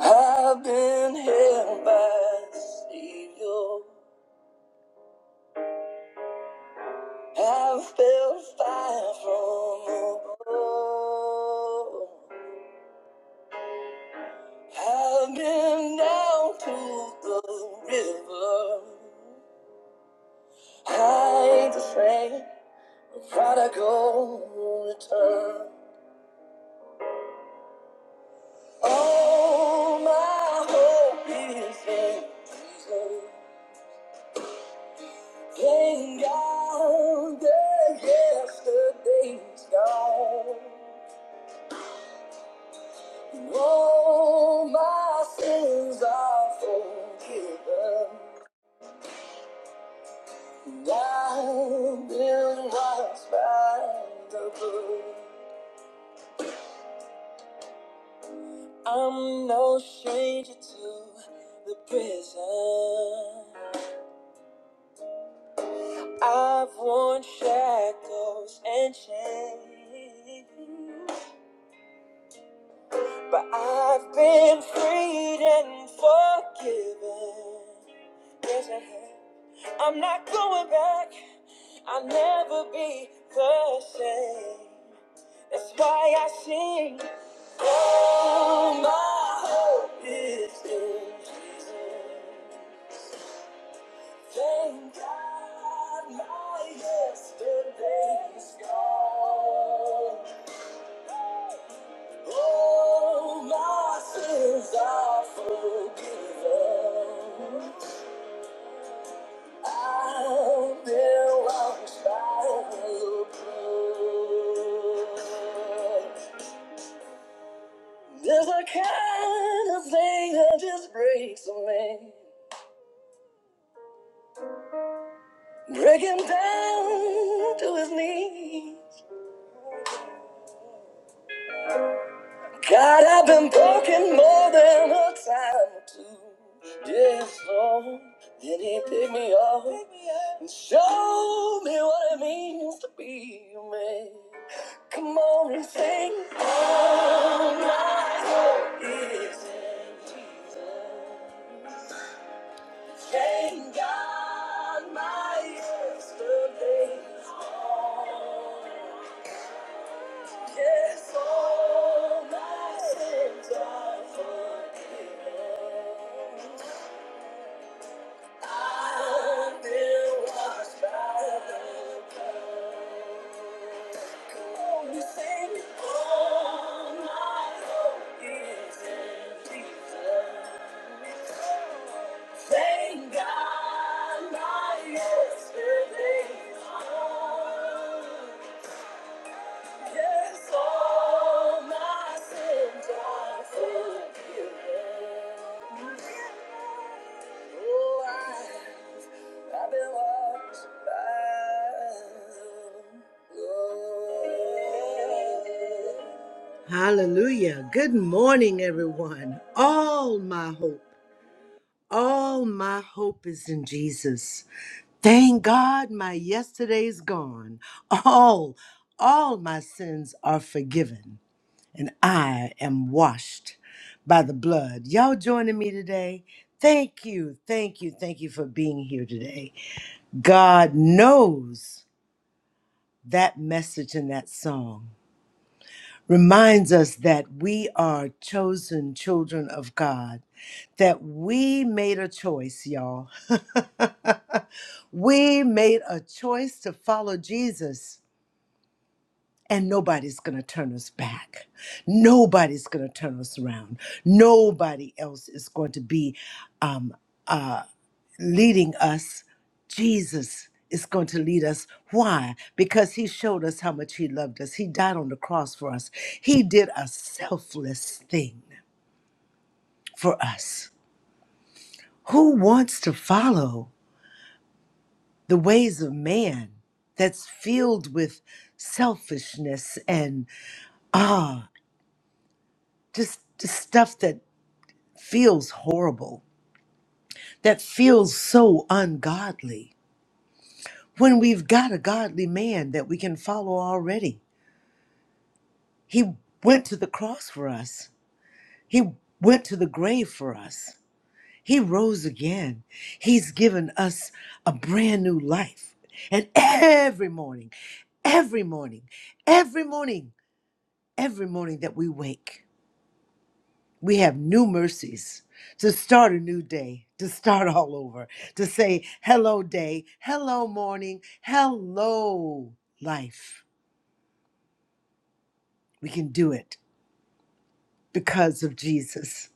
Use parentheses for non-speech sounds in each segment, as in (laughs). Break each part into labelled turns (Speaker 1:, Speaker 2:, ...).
Speaker 1: I've been held by the Savior. I've felt fire from above. I've been down to the river. I ain't the same. A prodigal return. All my hope is in Jesus. Thank God that yesterday's gone. All my sins are forgiven. And I've been washed by the blood. I'm no stranger to the prison. I've worn shackles and chains. But I've been freed and forgiven. Yes, I have. I'm not going back. I'll never be the same. That's why I sing. Oh, my hope is in Jesus. Thank God my yesterday's gone. Oh, my sins are forgiven. There's a kind of thing that just breaks a man, break him down to his knees. God, I've been broken more than a time or two. Yes, Lord. Then he picked me up and showed me what it means to be a man. Come on and sing. Oh, my soul is in. Thank God my yesterday. Yes, all my sins are forgiven. I've been washed by the blood. Come on, you sing. All my hope Jesus. Thank God my yesterday's gone. Yes, Oh, Hallelujah. Good morning, everyone. All my hope. All my hope is in Jesus. Thank God my yesterday's gone. All, all my sins are forgiven, and I am washed by the blood. Y'all joining me today? Thank you, thank you, thank you for being here today. God knows that message in that song reminds us that we are chosen children of God that we made a choice, y'all. (laughs) We made a choice to follow Jesus, and nobody's going to turn us back. Nobody's going to turn us around. Nobody else is going to be um, uh, leading us. Jesus is going to lead us. Why? Because he showed us how much he loved us. He died on the cross for us, he did a selfless thing for us. Who wants to follow? the ways of man that's filled with selfishness and ah just, just stuff that feels horrible that feels so ungodly when we've got a godly man that we can follow already he went to the cross for us he went to the grave for us he rose again he's given us a brand new life and every morning every morning every morning every morning that we wake, we have new mercies to start a new day, to start (laughs) all over, to say, hello, day, hello, morning, hello, life. We can do it because of Jesus.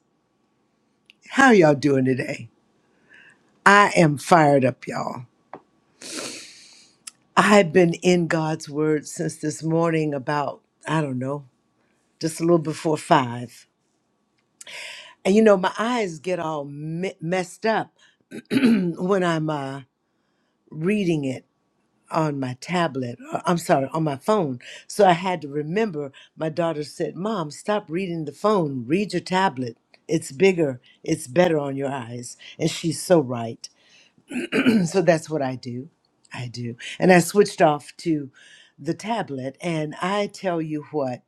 Speaker 1: How y'all doing today? I am fired up, y'all. I've been in God's word since this morning about, I don't know, just a little before five. And you know, my eyes get all me- messed up (clears throat) when I'm uh, reading it on my tablet. uh, I'm sorry, on my phone. So I had to remember. My daughter said, "Mom, stop reading the phone. Read your tablet. It's bigger. It's better on your eyes." And she's so right. (clears throat) So that's what I do. I do. And I switched off to the tablet and I tell you what.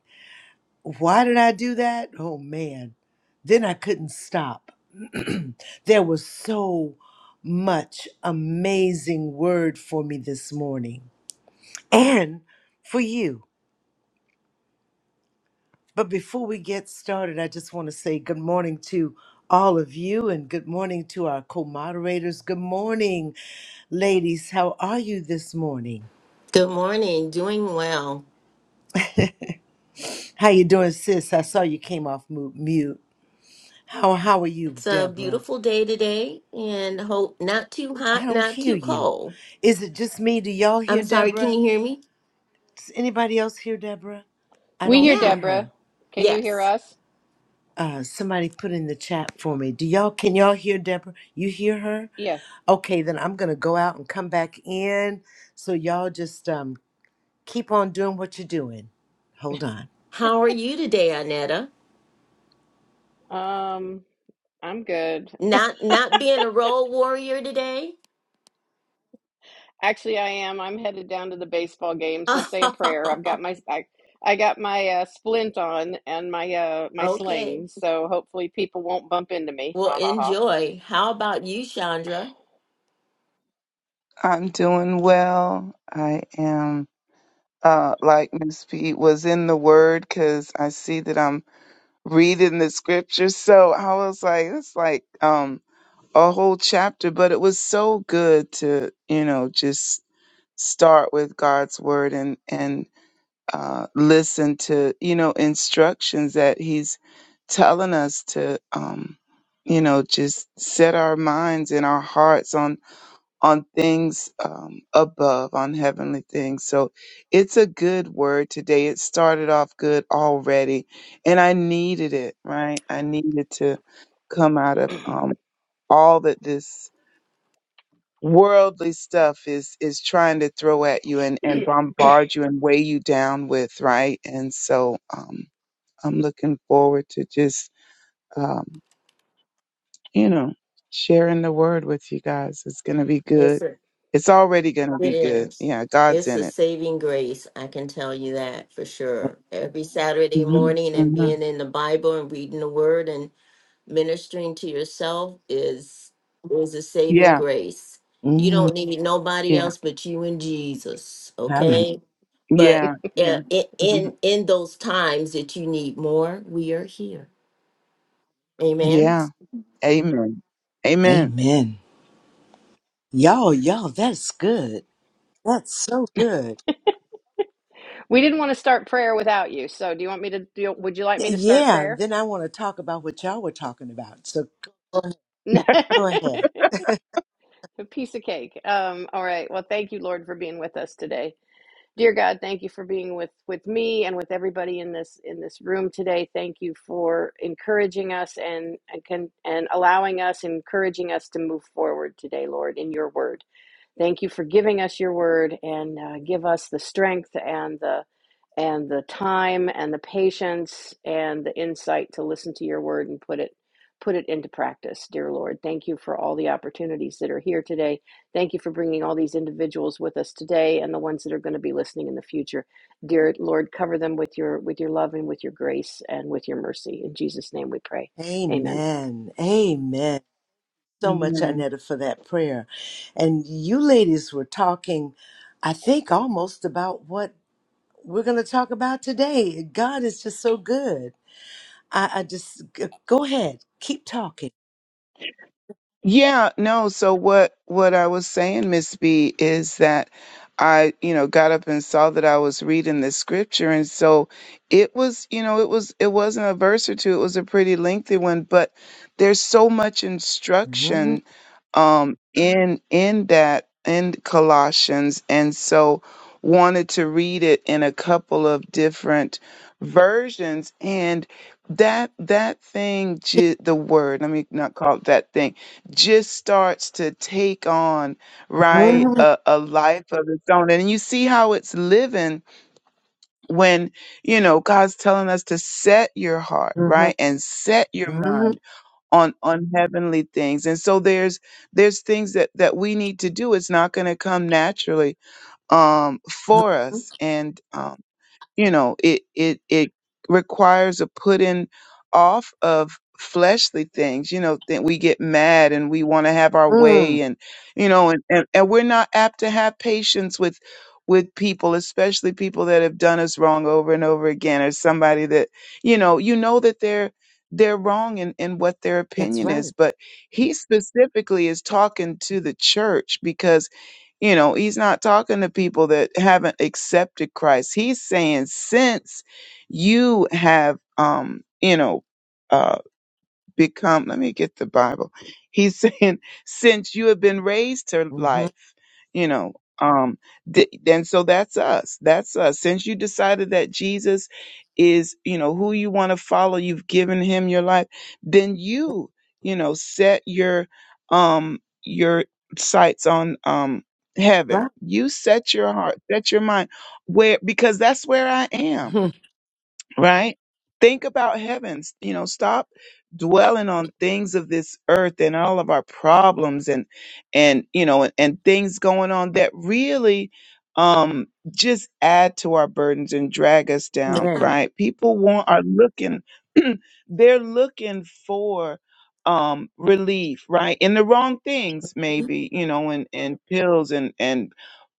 Speaker 1: Why did I do that? Oh man. Then I couldn't stop. There was so much amazing word for me this morning. And for you. But before we get started, I just want to say good morning to all of you and good morning to our co moderators. Good morning, ladies. How are you this morning?
Speaker 2: Good morning. Doing well.
Speaker 1: How you doing, sis? I saw you came off mu- mute. How, how are you,
Speaker 2: It's a
Speaker 1: Deborah?
Speaker 2: beautiful day today and hope not too
Speaker 1: I
Speaker 2: hot,
Speaker 1: don't
Speaker 2: not
Speaker 1: hear
Speaker 2: too
Speaker 1: you.
Speaker 2: cold.
Speaker 1: Is it just me? Do y'all
Speaker 2: I'm
Speaker 1: hear
Speaker 2: sorry, can
Speaker 1: Deborah?
Speaker 2: you hear me?
Speaker 1: Does anybody else hear Deborah? I
Speaker 3: We
Speaker 1: don't
Speaker 3: hear
Speaker 2: Yeah.
Speaker 1: hear her.
Speaker 3: Deborah. Can you hear
Speaker 2: Yes.
Speaker 3: us?
Speaker 1: Uh, somebody put in the chat for me. Do y'all can y'all hear Deborah? You hear her?
Speaker 3: Yeah.
Speaker 1: Okay, then I'm gonna go out and come back in. So y'all just um keep on doing what you're doing. Hold on.
Speaker 2: How are you today, Anetta?
Speaker 3: Um, I'm good.
Speaker 2: Not not being a role warrior today?
Speaker 3: Actually, I am. I'm headed down to the baseball game, so say a
Speaker 2: (laughs)
Speaker 3: prayer. I've got my I, I got my uh, splint on and my uh my
Speaker 2: okay.
Speaker 3: sling, so hopefully people won't bump into me.
Speaker 2: Well,
Speaker 3: Ha ha
Speaker 2: enjoy. How about you, Chandra?
Speaker 4: I'm doing well. I am, uh, like Miss P was in the Word because I see that I'm reading the scriptures. So I was like, it's like um, a whole chapter, but it was so good to, you know, just start with God's Word and and uh, listen to, you know, instructions that He's telling us to, um, you know, just set our minds and our hearts on on things um, above, on heavenly things. So it's a good word today. It started off good already, and I needed it, right? I needed to come out of um, all that this worldly stuff is is trying to throw at you and
Speaker 3: ha.
Speaker 4: and
Speaker 3: (laughs) (clears throat)
Speaker 4: bombard you and weigh you down with, right? And so um, I'm looking forward to just. um, you know, sharing the word with you guys. It's going to be
Speaker 2: It's
Speaker 4: good.
Speaker 2: a,
Speaker 4: It's already going to be
Speaker 2: it
Speaker 4: good.
Speaker 2: is.
Speaker 4: Yeah, God's
Speaker 2: It's
Speaker 4: in
Speaker 2: a
Speaker 4: it.
Speaker 2: saving grace, I can tell you that for sure. Every Saturday
Speaker 4: hmm
Speaker 2: morning and
Speaker 4: hmm
Speaker 2: being in the Bible and reading the word and ministering to yourself is is a saving
Speaker 4: Yeah,
Speaker 2: grace. You
Speaker 1: Mm,
Speaker 2: don't need nobody
Speaker 4: yeah,
Speaker 2: else but you and Jesus,
Speaker 1: hallelujah.
Speaker 2: okay? But
Speaker 4: yeah,
Speaker 2: uh,
Speaker 4: yeah,
Speaker 2: i-
Speaker 4: Mhm.
Speaker 2: in in those times that you need more, we are here. Amen.
Speaker 4: yeah. Amen. Amen.
Speaker 1: Amen. Y'all, y'all, that's good. That's so good.
Speaker 3: We didn't want to start prayer without you, so do you want me to do? Would you like
Speaker 1: Y-
Speaker 3: me to start
Speaker 1: Yeah,
Speaker 3: prayer?
Speaker 1: then I want to talk about what y'all were talking about. So go ahead.
Speaker 3: (laughs) a
Speaker 1: Go ahead.
Speaker 3: piece of cake. Um. All right. Well, thank you, Lord, for being with us today. dear god thank you for being with with me and with everybody in this in this room today thank you for encouraging us and and can and allowing us encouraging us to move forward today lord in your word Thank you for giving us your word and uh, give us the strength and the and the time and the patience and the insight to listen to your word and put it put it into practice, dear Lord. Thank you for all the opportunities that are here today. Thank you for bringing all these individuals with us today and the ones that are going to be listening in the future. Dear Lord, cover them with your with your love and with your grace and with your mercy. In Jesus name we pray. Amen.
Speaker 1: Amen. Amen. so much,
Speaker 4: Amen.
Speaker 1: Anetta, for that prayer. And you ladies were talking, I think, almost about what we're going to talk about today. God is just so good. I, I just g- go ahead, keep talking.
Speaker 4: Yeah, no. So what? What I was saying, Miss B, is that I, you know, got up and saw that I was reading the scripture, and so it was, you know, it was, it wasn't a verse or two. It was a pretty lengthy one, but there's so much
Speaker 1: Mhm,
Speaker 4: instruction um, in in that in Colossians, and so wanted to read it in a couple of different versions. And that that thing, ju- the word, let me not call it that thing, just starts to take on right
Speaker 1: mhm,
Speaker 4: a, a life of its own, and you see how it's living when you know God's telling us to set your heart
Speaker 1: mhm,
Speaker 4: right and set your mind
Speaker 1: mhm,
Speaker 4: on on heavenly things and so there's there's things that that we need to do it's not going to come naturally um for us and um, you know it it it requires a putting off of fleshly things you know that we get mad and we want to have our
Speaker 1: mhm.
Speaker 4: way and you know and, and and we're not apt to have patience with with people especially people that have done us wrong over and over again or somebody that you know you know that they're they're wrong in, in what their
Speaker 1: That's
Speaker 4: opinion is
Speaker 1: right.
Speaker 4: but he specifically is talking to the church because you know, he's not talking to people that haven't accepted Christ. He's saying, since you have, um, you know, uh, become, let me get the Bible. He's (laughs) saying, since you have been raised to
Speaker 1: Mhm,
Speaker 4: life, you know, um, th- and so that's us. That's us. Since you decided that Jesus is, you know, who you want to follow, you've given him your life, then you, you know, set your, um, your sights on, um, heaven.
Speaker 1: Right.
Speaker 4: You set your heart, set your mind where, because that's where I am
Speaker 1: (laughs) Mhm.
Speaker 4: right? Think about heavens. You know, stop dwelling on things of this earth and all of our problems and and you know and, and things going on that really um just add to our burdens and drag us down,
Speaker 1: Amen.
Speaker 4: right? People want are looking (clears throat) they're looking for um relief, right? In the wrong things maybe, you know, and and pills and and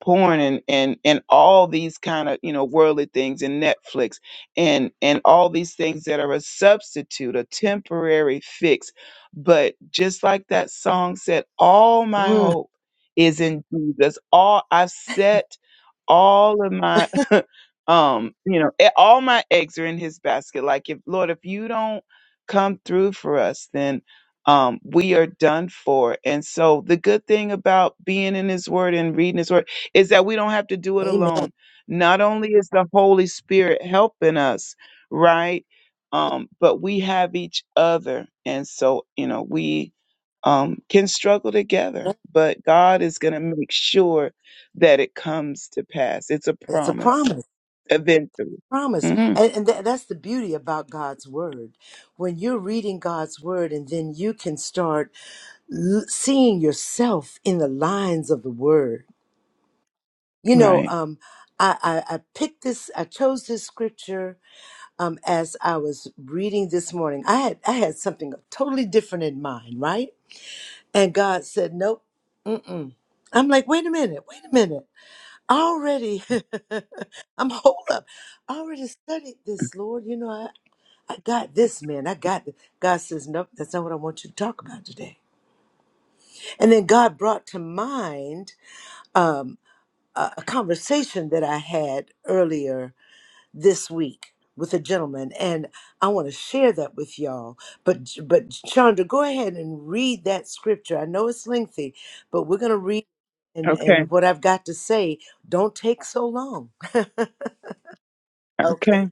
Speaker 4: porn and and and all these kind of, you know, worldly things and Netflix and and all these things that are a substitute a temporary fix but just like that song said all my hope is in jesus all i've set all of my (laughs) um you know e- all my eggs are in his basket like if lord if you don't come through for us then um we are done for and so the good thing about being in his word and reading his word is that we don't have to do it
Speaker 1: Mhm.
Speaker 4: alone not only is the Holy Spirit helping us, right? Um, but we have each other. And so, you know, we um, can struggle together, but God is going to make sure that it comes to pass. It's a
Speaker 1: It's a
Speaker 4: promise
Speaker 1: promise,
Speaker 4: eventually.
Speaker 1: promise.
Speaker 4: hmm
Speaker 1: And, and tha- that's the beauty about God's word. When you're reading God's word, and then you can start l- seeing yourself in the lines of the word. You know,
Speaker 4: Right.
Speaker 1: um, I, I, I picked this, I chose this scripture um, as I was reading this morning. I had, I had something totally different in mind, right? And God said, nope. Mm-mm. I'm like, wait a minute, wait a minute. I Already, (laughs) I'm hold up. I already studied this, Lord. You know, I got this, man. I got this. God says, nope, that's not what I want you to talk about today. And then God brought to mind um, a, a conversation that I had earlier this week with a gentleman, and I want to share that with y'all. But but Chandra, go ahead and read that scripture. I know it's lengthy, but we're gonna read. And,
Speaker 4: Okay.
Speaker 1: and what I've got to say, don't take so long. (laughs)
Speaker 4: Okay.
Speaker 1: okay.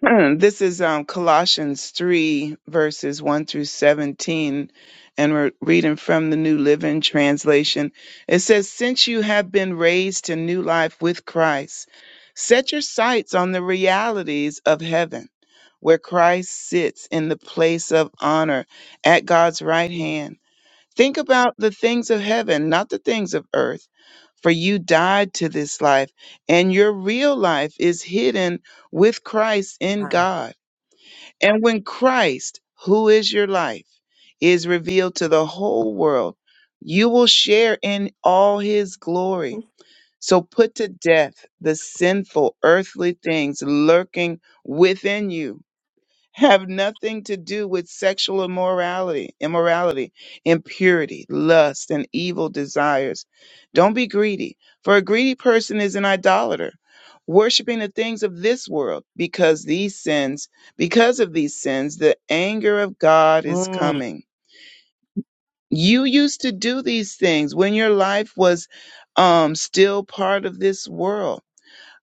Speaker 4: (clears throat) this is um, Colossians 3, verses 1 through 17, and we're reading from the New Living Translation. It says, Since you have been raised to new life with Christ, set your sights on the realities of heaven, where Christ sits in the place of honor at God's right
Speaker 1: Mm,
Speaker 4: hand. Think about the things of heaven, not the things of earth. For you died to this life, and your real life is hidden with Christ in
Speaker 1: ah.
Speaker 4: God. And when Christ, who is your life, is revealed to the whole world, you will share in all his glory. So put to death the sinful earthly things lurking within you have nothing to do with sexual immorality, immorality, impurity, lust, and evil desires. Don't be greedy, for a greedy person is an idolater, worshiping the things of this world, because these sins, because of these sins, the anger of God is
Speaker 1: Mm,
Speaker 4: coming. You used to do these things when your life was um, still part of this world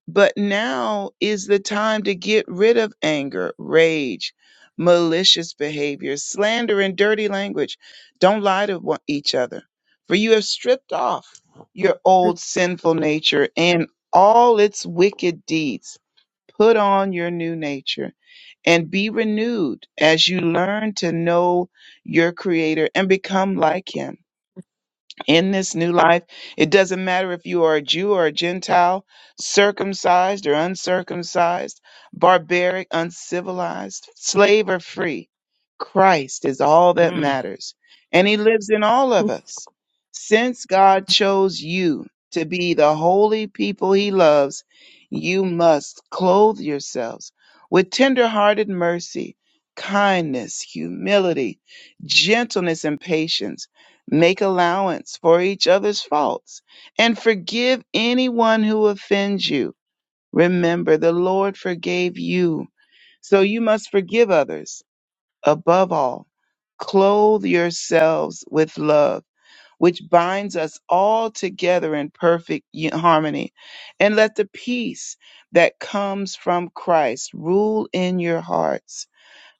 Speaker 4: but now is the time to get rid of anger, rage, malicious behavior, slander, and dirty language. Don't lie to one- each other, for you have stripped off your old sinful nature and all its wicked deeds. Put on your new nature and be renewed as you learn to know your Creator and become like Him in this new life. It doesn't matter if you are a Jew or a Gentile, circumcised or uncircumcised, barbaric, uncivilized, slave or free. Christ is all that
Speaker 1: mm.
Speaker 4: matters. And he lives in all of us. Since God chose you to be the holy people he loves, you must clothe yourselves with tender-hearted mercy, kindness, humility, gentleness, and patience Make allowance for each other's faults and forgive anyone who offends you. Remember, the Lord forgave you, so you must forgive others. Above all, clothe yourselves with love, which binds us all together in perfect u- harmony. And let the peace that comes from Christ rule in your hearts.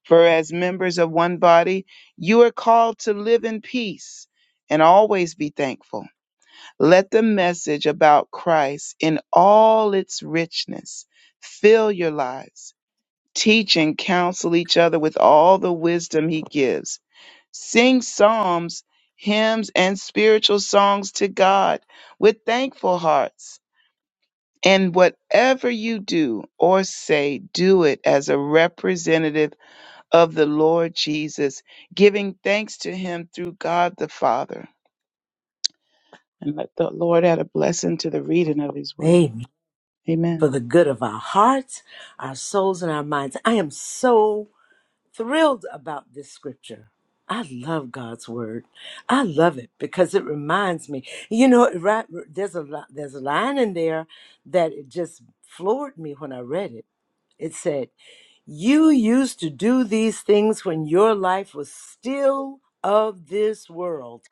Speaker 4: For as members of one body, you are called to live in peace and always be thankful. Let the message about Christ in all its richness fill your lives. Teach and counsel each other with all the wisdom he gives. Sing psalms, hymns, and spiritual songs to God with thankful hearts. And whatever you do or say, do it as a representative of the Lord Jesus, giving thanks to him through God the Father. And let the Lord add a blessing to the reading of his word.
Speaker 1: Amen.
Speaker 4: Amen.
Speaker 1: For the good of our hearts, our souls, and our minds. I am so thrilled about this scripture. I love God's word. I love it because it reminds me. You know, it right, there's a li- there's a line in there that it just floored me when I read it. It said, "You used to do these things when your life was still of this world."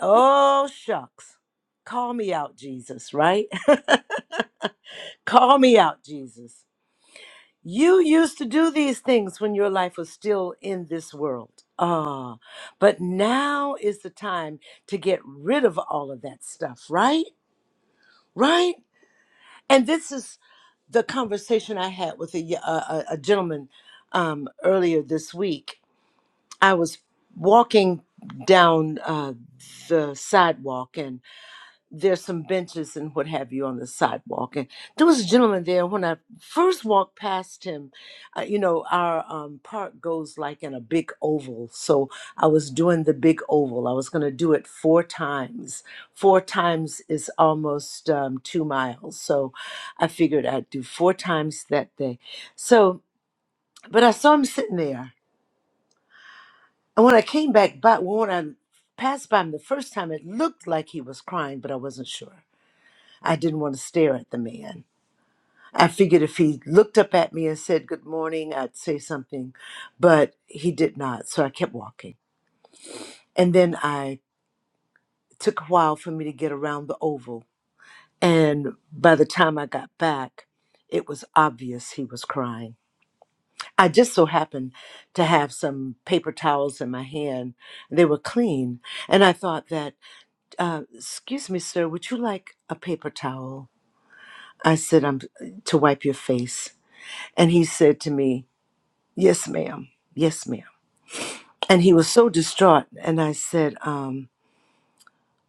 Speaker 1: Oh shucks, call me out, Jesus. Right? (laughs) call me out, Jesus. You used to do these things when your life was still in this world. Ah, but now is the time to get rid of all of that stuff, right? Right? And this is the conversation I had with a, y- a- a- a gentleman um, earlier this week. I was walking down uh, the sidewalk there's some benches and what have you on the sidewalk. And there was a gentleman there. When I first walked past him, uh, you know, our um, park goes like in a big oval. So I was doing the big oval. I was going to do it four times. Four times is almost um, two miles. So I figured I'd do four times that day. So, but I saw him sitting there. And when I came back by, well, when I passed by him the first time, it looked like he was crying, but I wasn't sure. I didn't want to stare at the man. I figured if he looked up at me and said good morning, I'd say something, but he did not. So I kept walking. And then I it took a while for me to get around the oval. And by the time I got back, it was obvious he was crying. I just so happened to have some paper towels in my hand. They were clean. And I thought that, uh, excuse me, sir, would you like a paper towel? I said, I'm to wipe your face. And he said to me, Yes, ma'am. Yes, ma'am. And he was so distraught. And I said, um,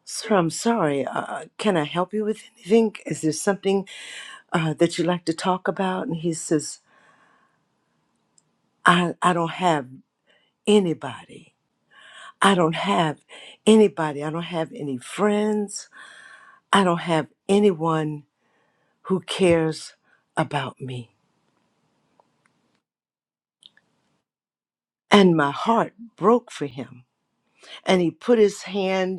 Speaker 1: Sir, I'm sorry. Uh, uh, can I help you with anything? Is there something uh, that you'd like to talk about? And he says, I, I don't have anybody. I don't have anybody. I don't have any friends. I don't have anyone who cares about me. And my heart broke for him. And he put his hand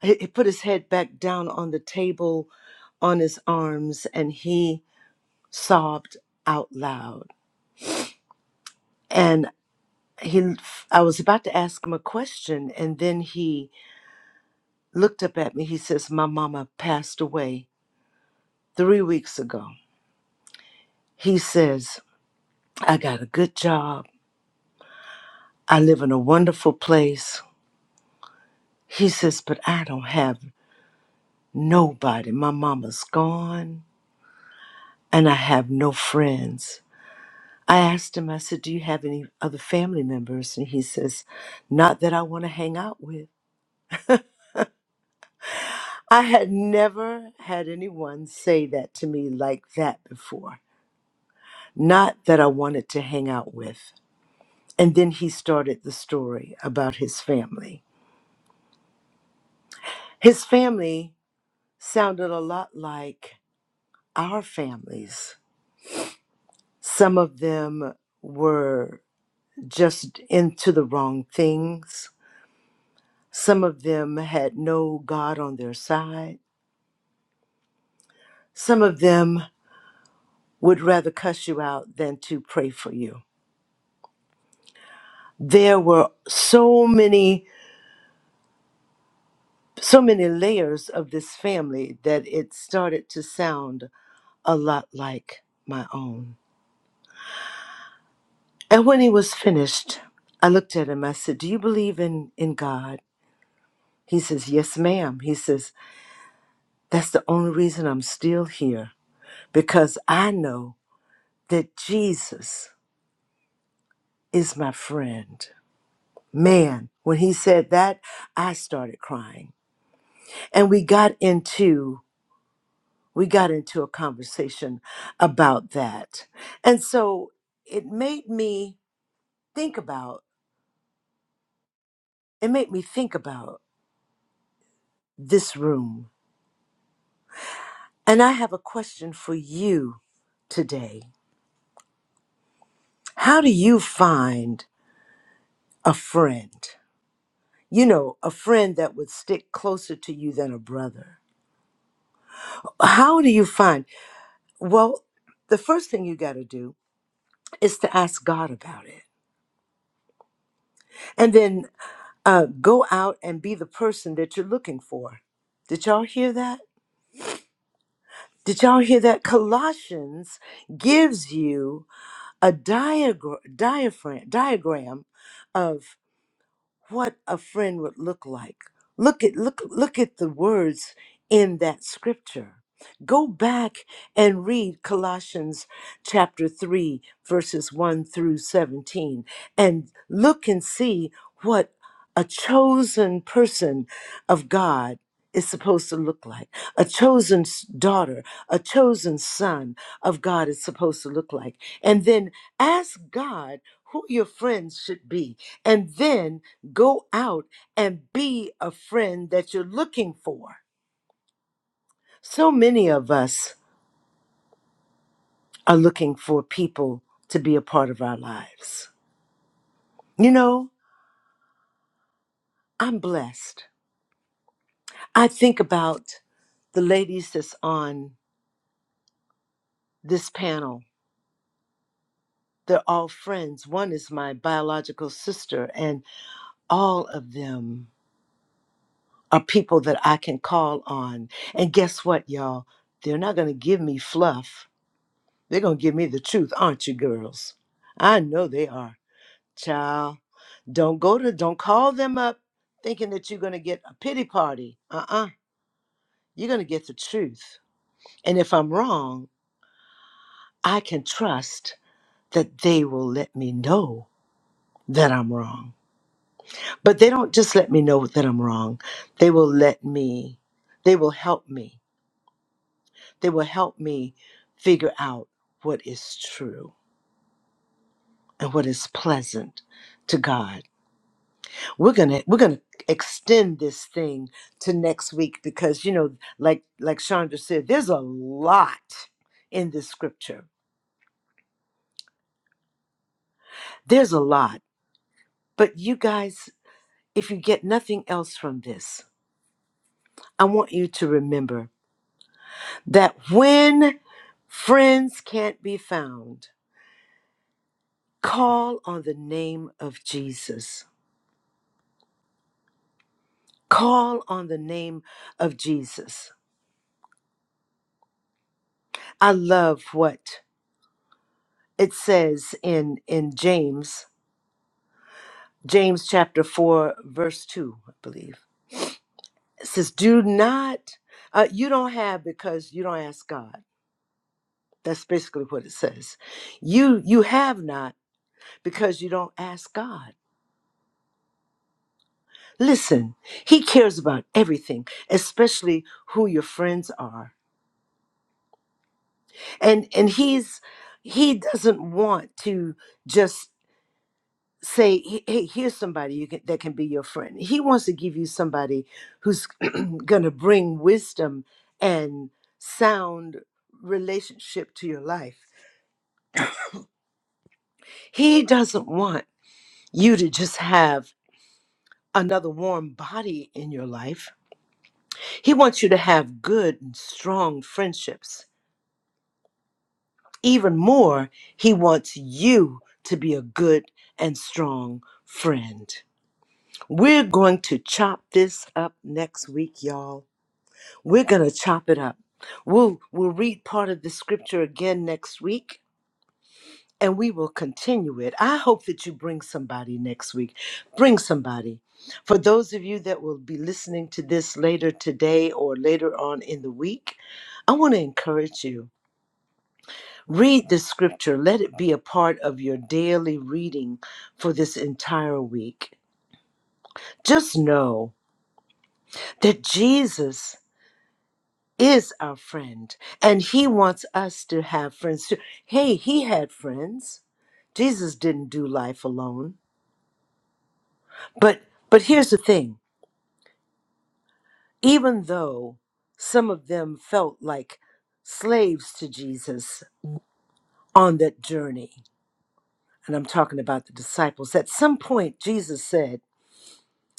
Speaker 1: He, he put his head back down on the table on his arms and he sobbed out loud. And he, I was about to ask him a question, and then he looked up at me. He says, My mama passed away three weeks ago. He says, I got a good job. I live in a wonderful place. He says, But I don't have nobody. My mama's gone, and I have no friends. I asked him, I said, Do you have any other family members? And he says, Not that I want to hang out with. I had never had anyone say that to me like that before. Not that I wanted to hang out with. And then he started the story about his family. His family sounded a lot like our families. Some of them were just into the wrong things, some of them had no God on their side. Some of them would rather cuss you out than to pray for you. There were so many, so many layers of this family that it started to sound a lot like my own. And when he was finished, I looked at him. I said, Do you believe in, in God? He says, Yes, ma'am. He says, That's the only reason I'm still here because I know that Jesus is my friend. Man, when he said that, I started crying and we got into we got into a conversation about that and so it made me think about it made me think about this room and i have a question for you today how do you find a friend you know a friend that would stick closer to you than a brother how do you find well the first thing you got to do is to ask god about it and then uh, go out and be the person that you're looking for. Did y'all hear that? Did y'all hear that? Colossians gives you a diagram, diaphragm, diagram of what a friend would look like. Look at look look at the words in that scripture. Go back and read Colossians chapter 3 verses 1 through 17 and look and see what a chosen person of God is supposed to look like. A chosen s- daughter, a chosen son of God is supposed to look like. And then ask God who your friends should be. And then go out and be a friend that you're looking for. So many of us are looking for people to be a part of our lives. You know, I'm blessed. I think about the ladies that's on this panel They're all friends. One is my biological sister, and all of them are people that I can call on. And guess what, y'all? They're not going to give me fluff. They're going to give me the truth, aren't you, girls? I know they are. Child, don't go to, don't call them up thinking that you're going to get a pity party. Uh uh-uh. uh. you are going to get the truth. And if I'm wrong, I can trust that they will let me know that I'm wrong. But they don't just let me know that I'm wrong. They will let me, they will help me. They will help me figure out what is true and what is pleasant to God. We're going to we're going to extend this thing to next week because you know like like Chandra said there's a lot in this scripture. There's a lot. But you guys, if you get nothing else from this, I want you to remember that when friends can't be found, call on the name of Jesus. Call on the name of Jesus. I love what it says in, in James, James chapter 4, verse 2, I believe. It says, Do not, uh, you don't have because you don't ask God. That's basically what it says. You you have not because you don't ask God. Listen, he cares about everything, especially who your friends are. And and he's he doesn't want to just say, "Hey, hey, here's somebody you can, that can be your friend." He wants to give you somebody who's (clears throat) going to bring wisdom and sound relationship to your life. He doesn't want you to just have another warm body in your life. He wants you to have good and strong friendships Even more, he wants you to be a good and strong friend. We're going to chop this up next week, y'all. We're going to chop it up. We'll, we'll read part of the scripture again next week and we will continue it. I hope that you bring somebody next week. Bring somebody. For those of you that will be listening to this later today or later on in the week, I want to encourage you. Read the scripture. Let it be a part of your daily reading for this entire week. Just know that Jesus is our friend and he wants us to have friends too. Hey, he had friends. Jesus didn't do life alone. But but here's the thing. Even though some of them felt like slaves to Jesus on that journey, and I'm talking about the disciples, at some point Jesus said,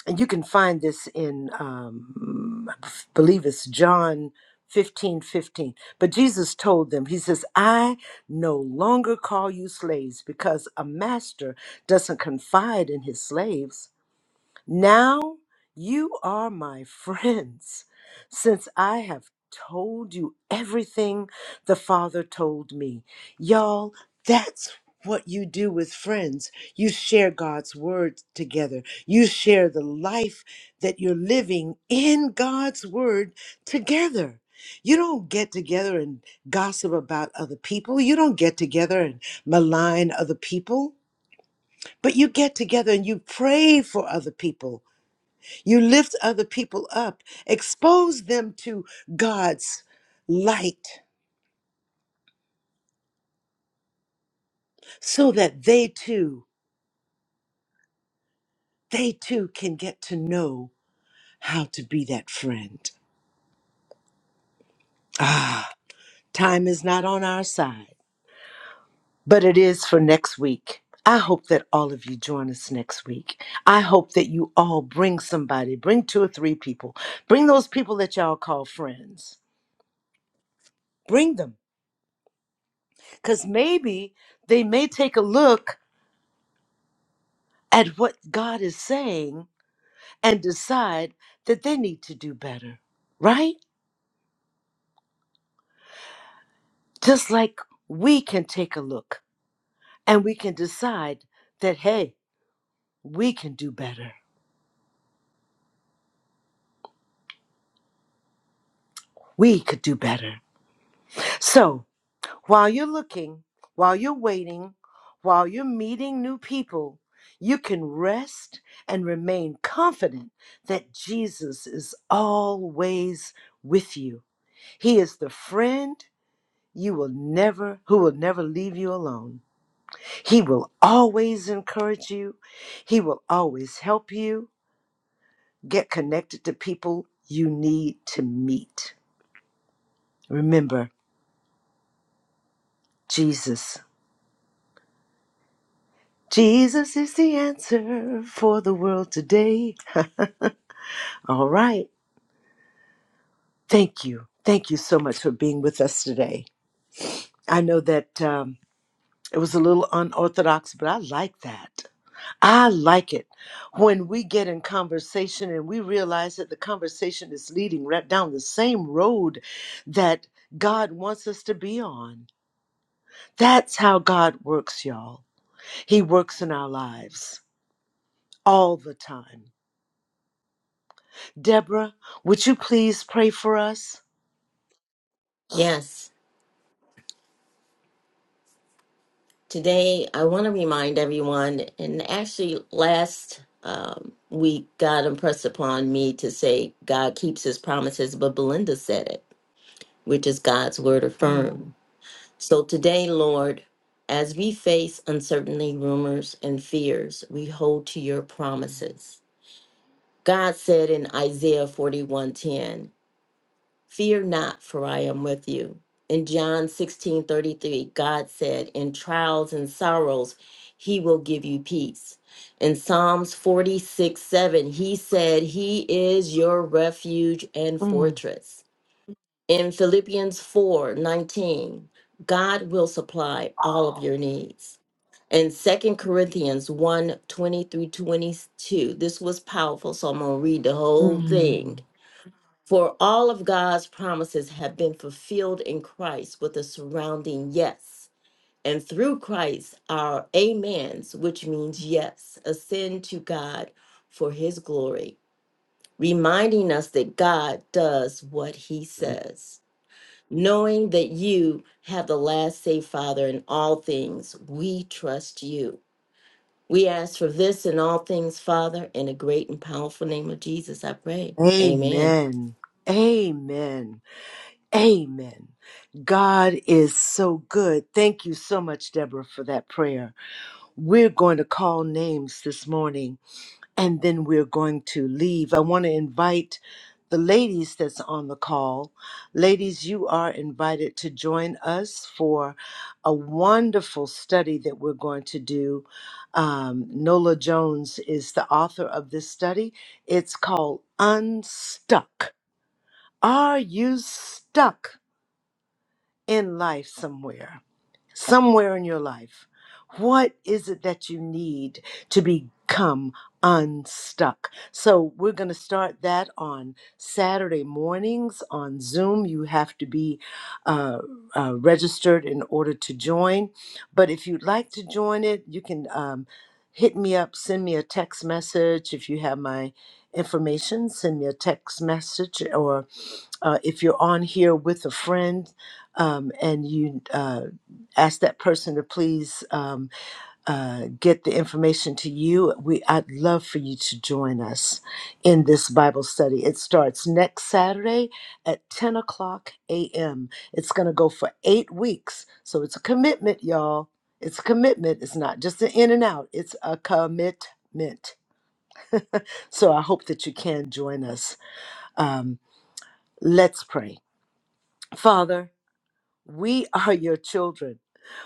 Speaker 1: and you can find this in um, I believe it's john 15 15. but jesus told them he says i no longer call you slaves because a master doesn't confide in his slaves now you are my friends, since I have told you everything the Father told me. Y'all, that's what you do with friends. You share God's word together, you share the life that you're living in God's word together. You don't get together and gossip about other people. You don't get together and malign other people, but you get together and you pray for other people you lift other people up, expose them to God's light so that they too, they too can get to know how to be that friend. Ah, time is not on our side, but it is for next week. I hope that all of you join us next week. I hope that you all bring somebody, bring two or three people, bring those people that y'all call friends. Bring them, because maybe they may take a look at what God is saying and decide that they need to do better, right? Just like we can take a look and we can decide that, hey, we can do better. We could do better. So while you're looking, while you're waiting, while you're meeting new people, you can rest and remain confident that Jesus is always with you. He is the friend you will never who will never leave you alone. He will always encourage you. He will always help you get connected to people you need to meet. Remember, Jesus. Jesus is the answer for the world today. (laughs) All right. Thank you. Thank you so much for being with us today. I know that um, it was a little unorthodox, but I like that. I like it when we get in conversation and we realize that the conversation is leading right down the same road that God wants us to be on. That's how God works, y'all. He works in our lives all the time. Deborah, would you please pray for us?
Speaker 2: Yes. Today I want to remind everyone and actually last um, week God impressed upon me to say God keeps his promises, but Belinda said it, which is God's word affirmed.
Speaker 1: Mm,
Speaker 2: So today, Lord, as we face uncertainty, rumors, and fears, we hold to your
Speaker 1: mm,
Speaker 2: promises. God said in Isaiah 41:10, "Fear not, for I am with you." In John 16:33, God said, "In trials and sorrows, he will give you peace." In Psalms forty-six seven, he said, "He is your refuge and
Speaker 1: mm,
Speaker 2: fortress." In Philippians 4 19, God will supply all of your needs. In Second Corinthians one 20 through 22, this was powerful, so I'm going to read the whole
Speaker 1: mm.
Speaker 2: thing. For all of God's promises have been fulfilled in Christ with a surrounding yes. And through Christ, our amens, which means yes, ascend to God for his glory, reminding us that God does what he says knowing that you have the last say, Father, in all things. We trust you. We ask for this in all things, Father, in the great and powerful name of Jesus, I pray. Amen.
Speaker 1: Amen. Amen. Amen. God is so good. Thank you so much, Deborah, for that prayer. We're going to call names this morning and then we're going to leave. I want to invite the ladies that's on the call. Ladies, you are invited to join us for a wonderful study that we're going to do. Um, Nola Jones is the author of this study. It's called Unstuck. Are you stuck? in life somewhere, somewhere in your life. What is it that you need to become unstuck? So, we're going to start that on Saturday mornings on Zoom. You have to be uh, uh, registered in order to join. But if you'd like to join it, you can um, hit me up, send me a text message. If you have my information, send me a text message or uh, if you're on here with a friend, um, and you uh, ask that person to please um, uh, get the information to you, we I'd love for you to join us in this Bible study. It starts next Saturday at 10 o'clock a.m. It's going to go for eight weeks, so it's a commitment, y'all. It's a commitment. It's not just an in and out. It's a commitment. So I hope that you can join us. Um, let's pray, Father. We are your children.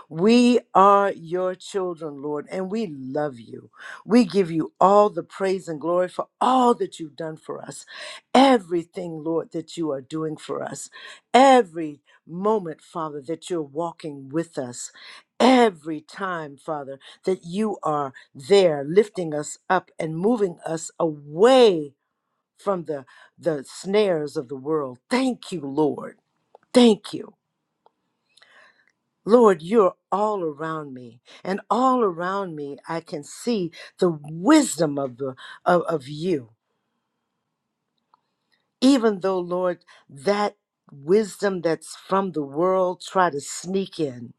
Speaker 1: We are your children, Lord, and we love you. We give you all the praise and glory for all that you've done for us. Everything, Lord, that you are doing for us. Every moment, Father, that you're walking with us. Every time, Father, that you are there lifting us up and moving us away from the, the snares of the world. Thank you, Lord. Thank you. Lord, you're all around me, and all around me I can see the wisdom of the of, of you. Even though, Lord, that wisdom that's from the world try to sneak in.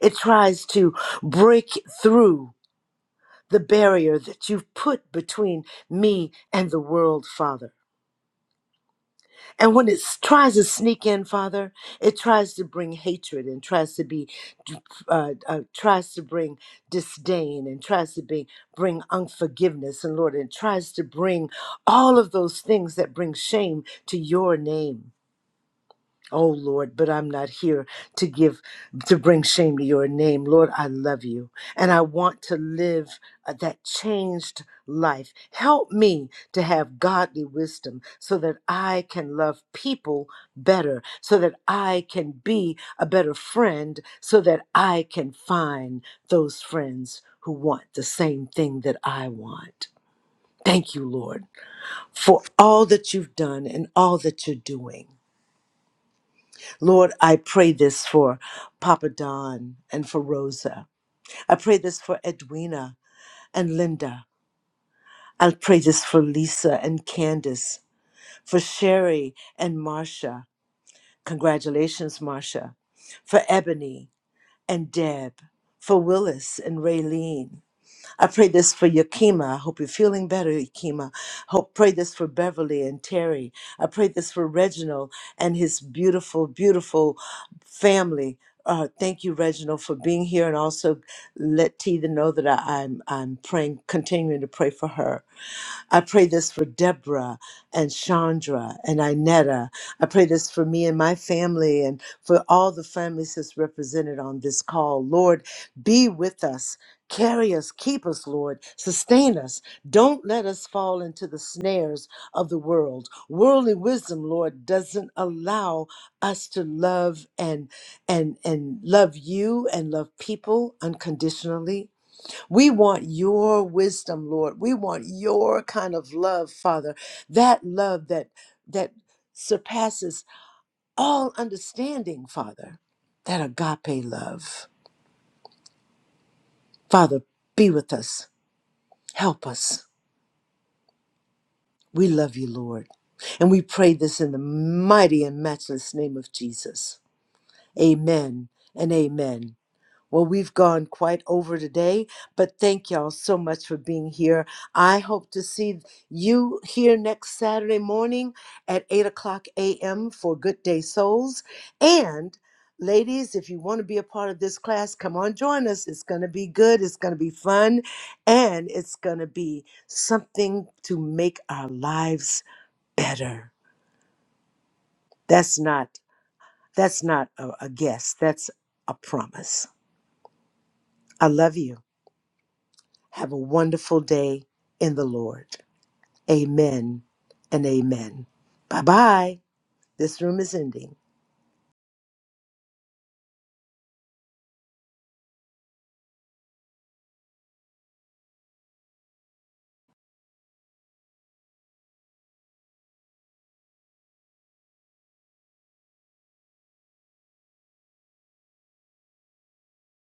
Speaker 1: It tries to break through the barrier that you've put between me and the world, Father. And when it s- tries to sneak in, Father, it tries to bring hatred and tries to be, uh, uh, tries to bring disdain and tries to be, bring unforgiveness and Lord, and tries to bring all of those things that bring shame to your name. Oh Lord, but I'm not here to give, to bring shame to your name. Lord, I love you and I want to live uh, that changed life. Help me to have godly wisdom so that I can love people better, so that I can be a better friend, so that I can find those friends who want the same thing that I want. Thank you, Lord, for all that you've done and all that you're doing. Lord, I pray this for Papa Don and for Rosa. I pray this for Edwina and Linda. I pray this for Lisa and Candace, for Sherry and Marcia. Congratulations, Marcia. For Ebony and Deb, for Willis and Raylene, I pray this for Yakima. I hope you're feeling better, Yakima. Hope pray this for Beverly and Terry. I pray this for Reginald and his beautiful, beautiful family. Uh, thank you, Reginald, for being here, and also let Tita know that I, I'm I'm praying, continuing to pray for her. I pray this for Deborah and Chandra and Inetta. I pray this for me and my family and for all the families that's represented on this call. Lord, be with us. Carry us, keep us, Lord. Sustain us. Don't let us fall into the snares of the world. Worldly wisdom, Lord, doesn't allow us to love and and and love you and love people unconditionally we want your wisdom, Lord. We want your kind of love, Father. That love that that surpasses all understanding, Father. That agape love. Father, be with us. Help us. We love you, Lord. And we pray this in the mighty and matchless name of Jesus. Amen and amen. Well, we've gone quite over today, but thank y'all so much for being here. I hope to see you here next Saturday morning at 8 o'clock a.m. for Good Day Souls. And ladies, if you want to be a part of this class, come on, join us. It's going to be good, it's going to be fun, and it's going to be something to make our lives better. That's not that's not a, a guess. That's a promise. I love you. Have a wonderful day in the Lord. Amen and amen. Bye bye. This room is ending.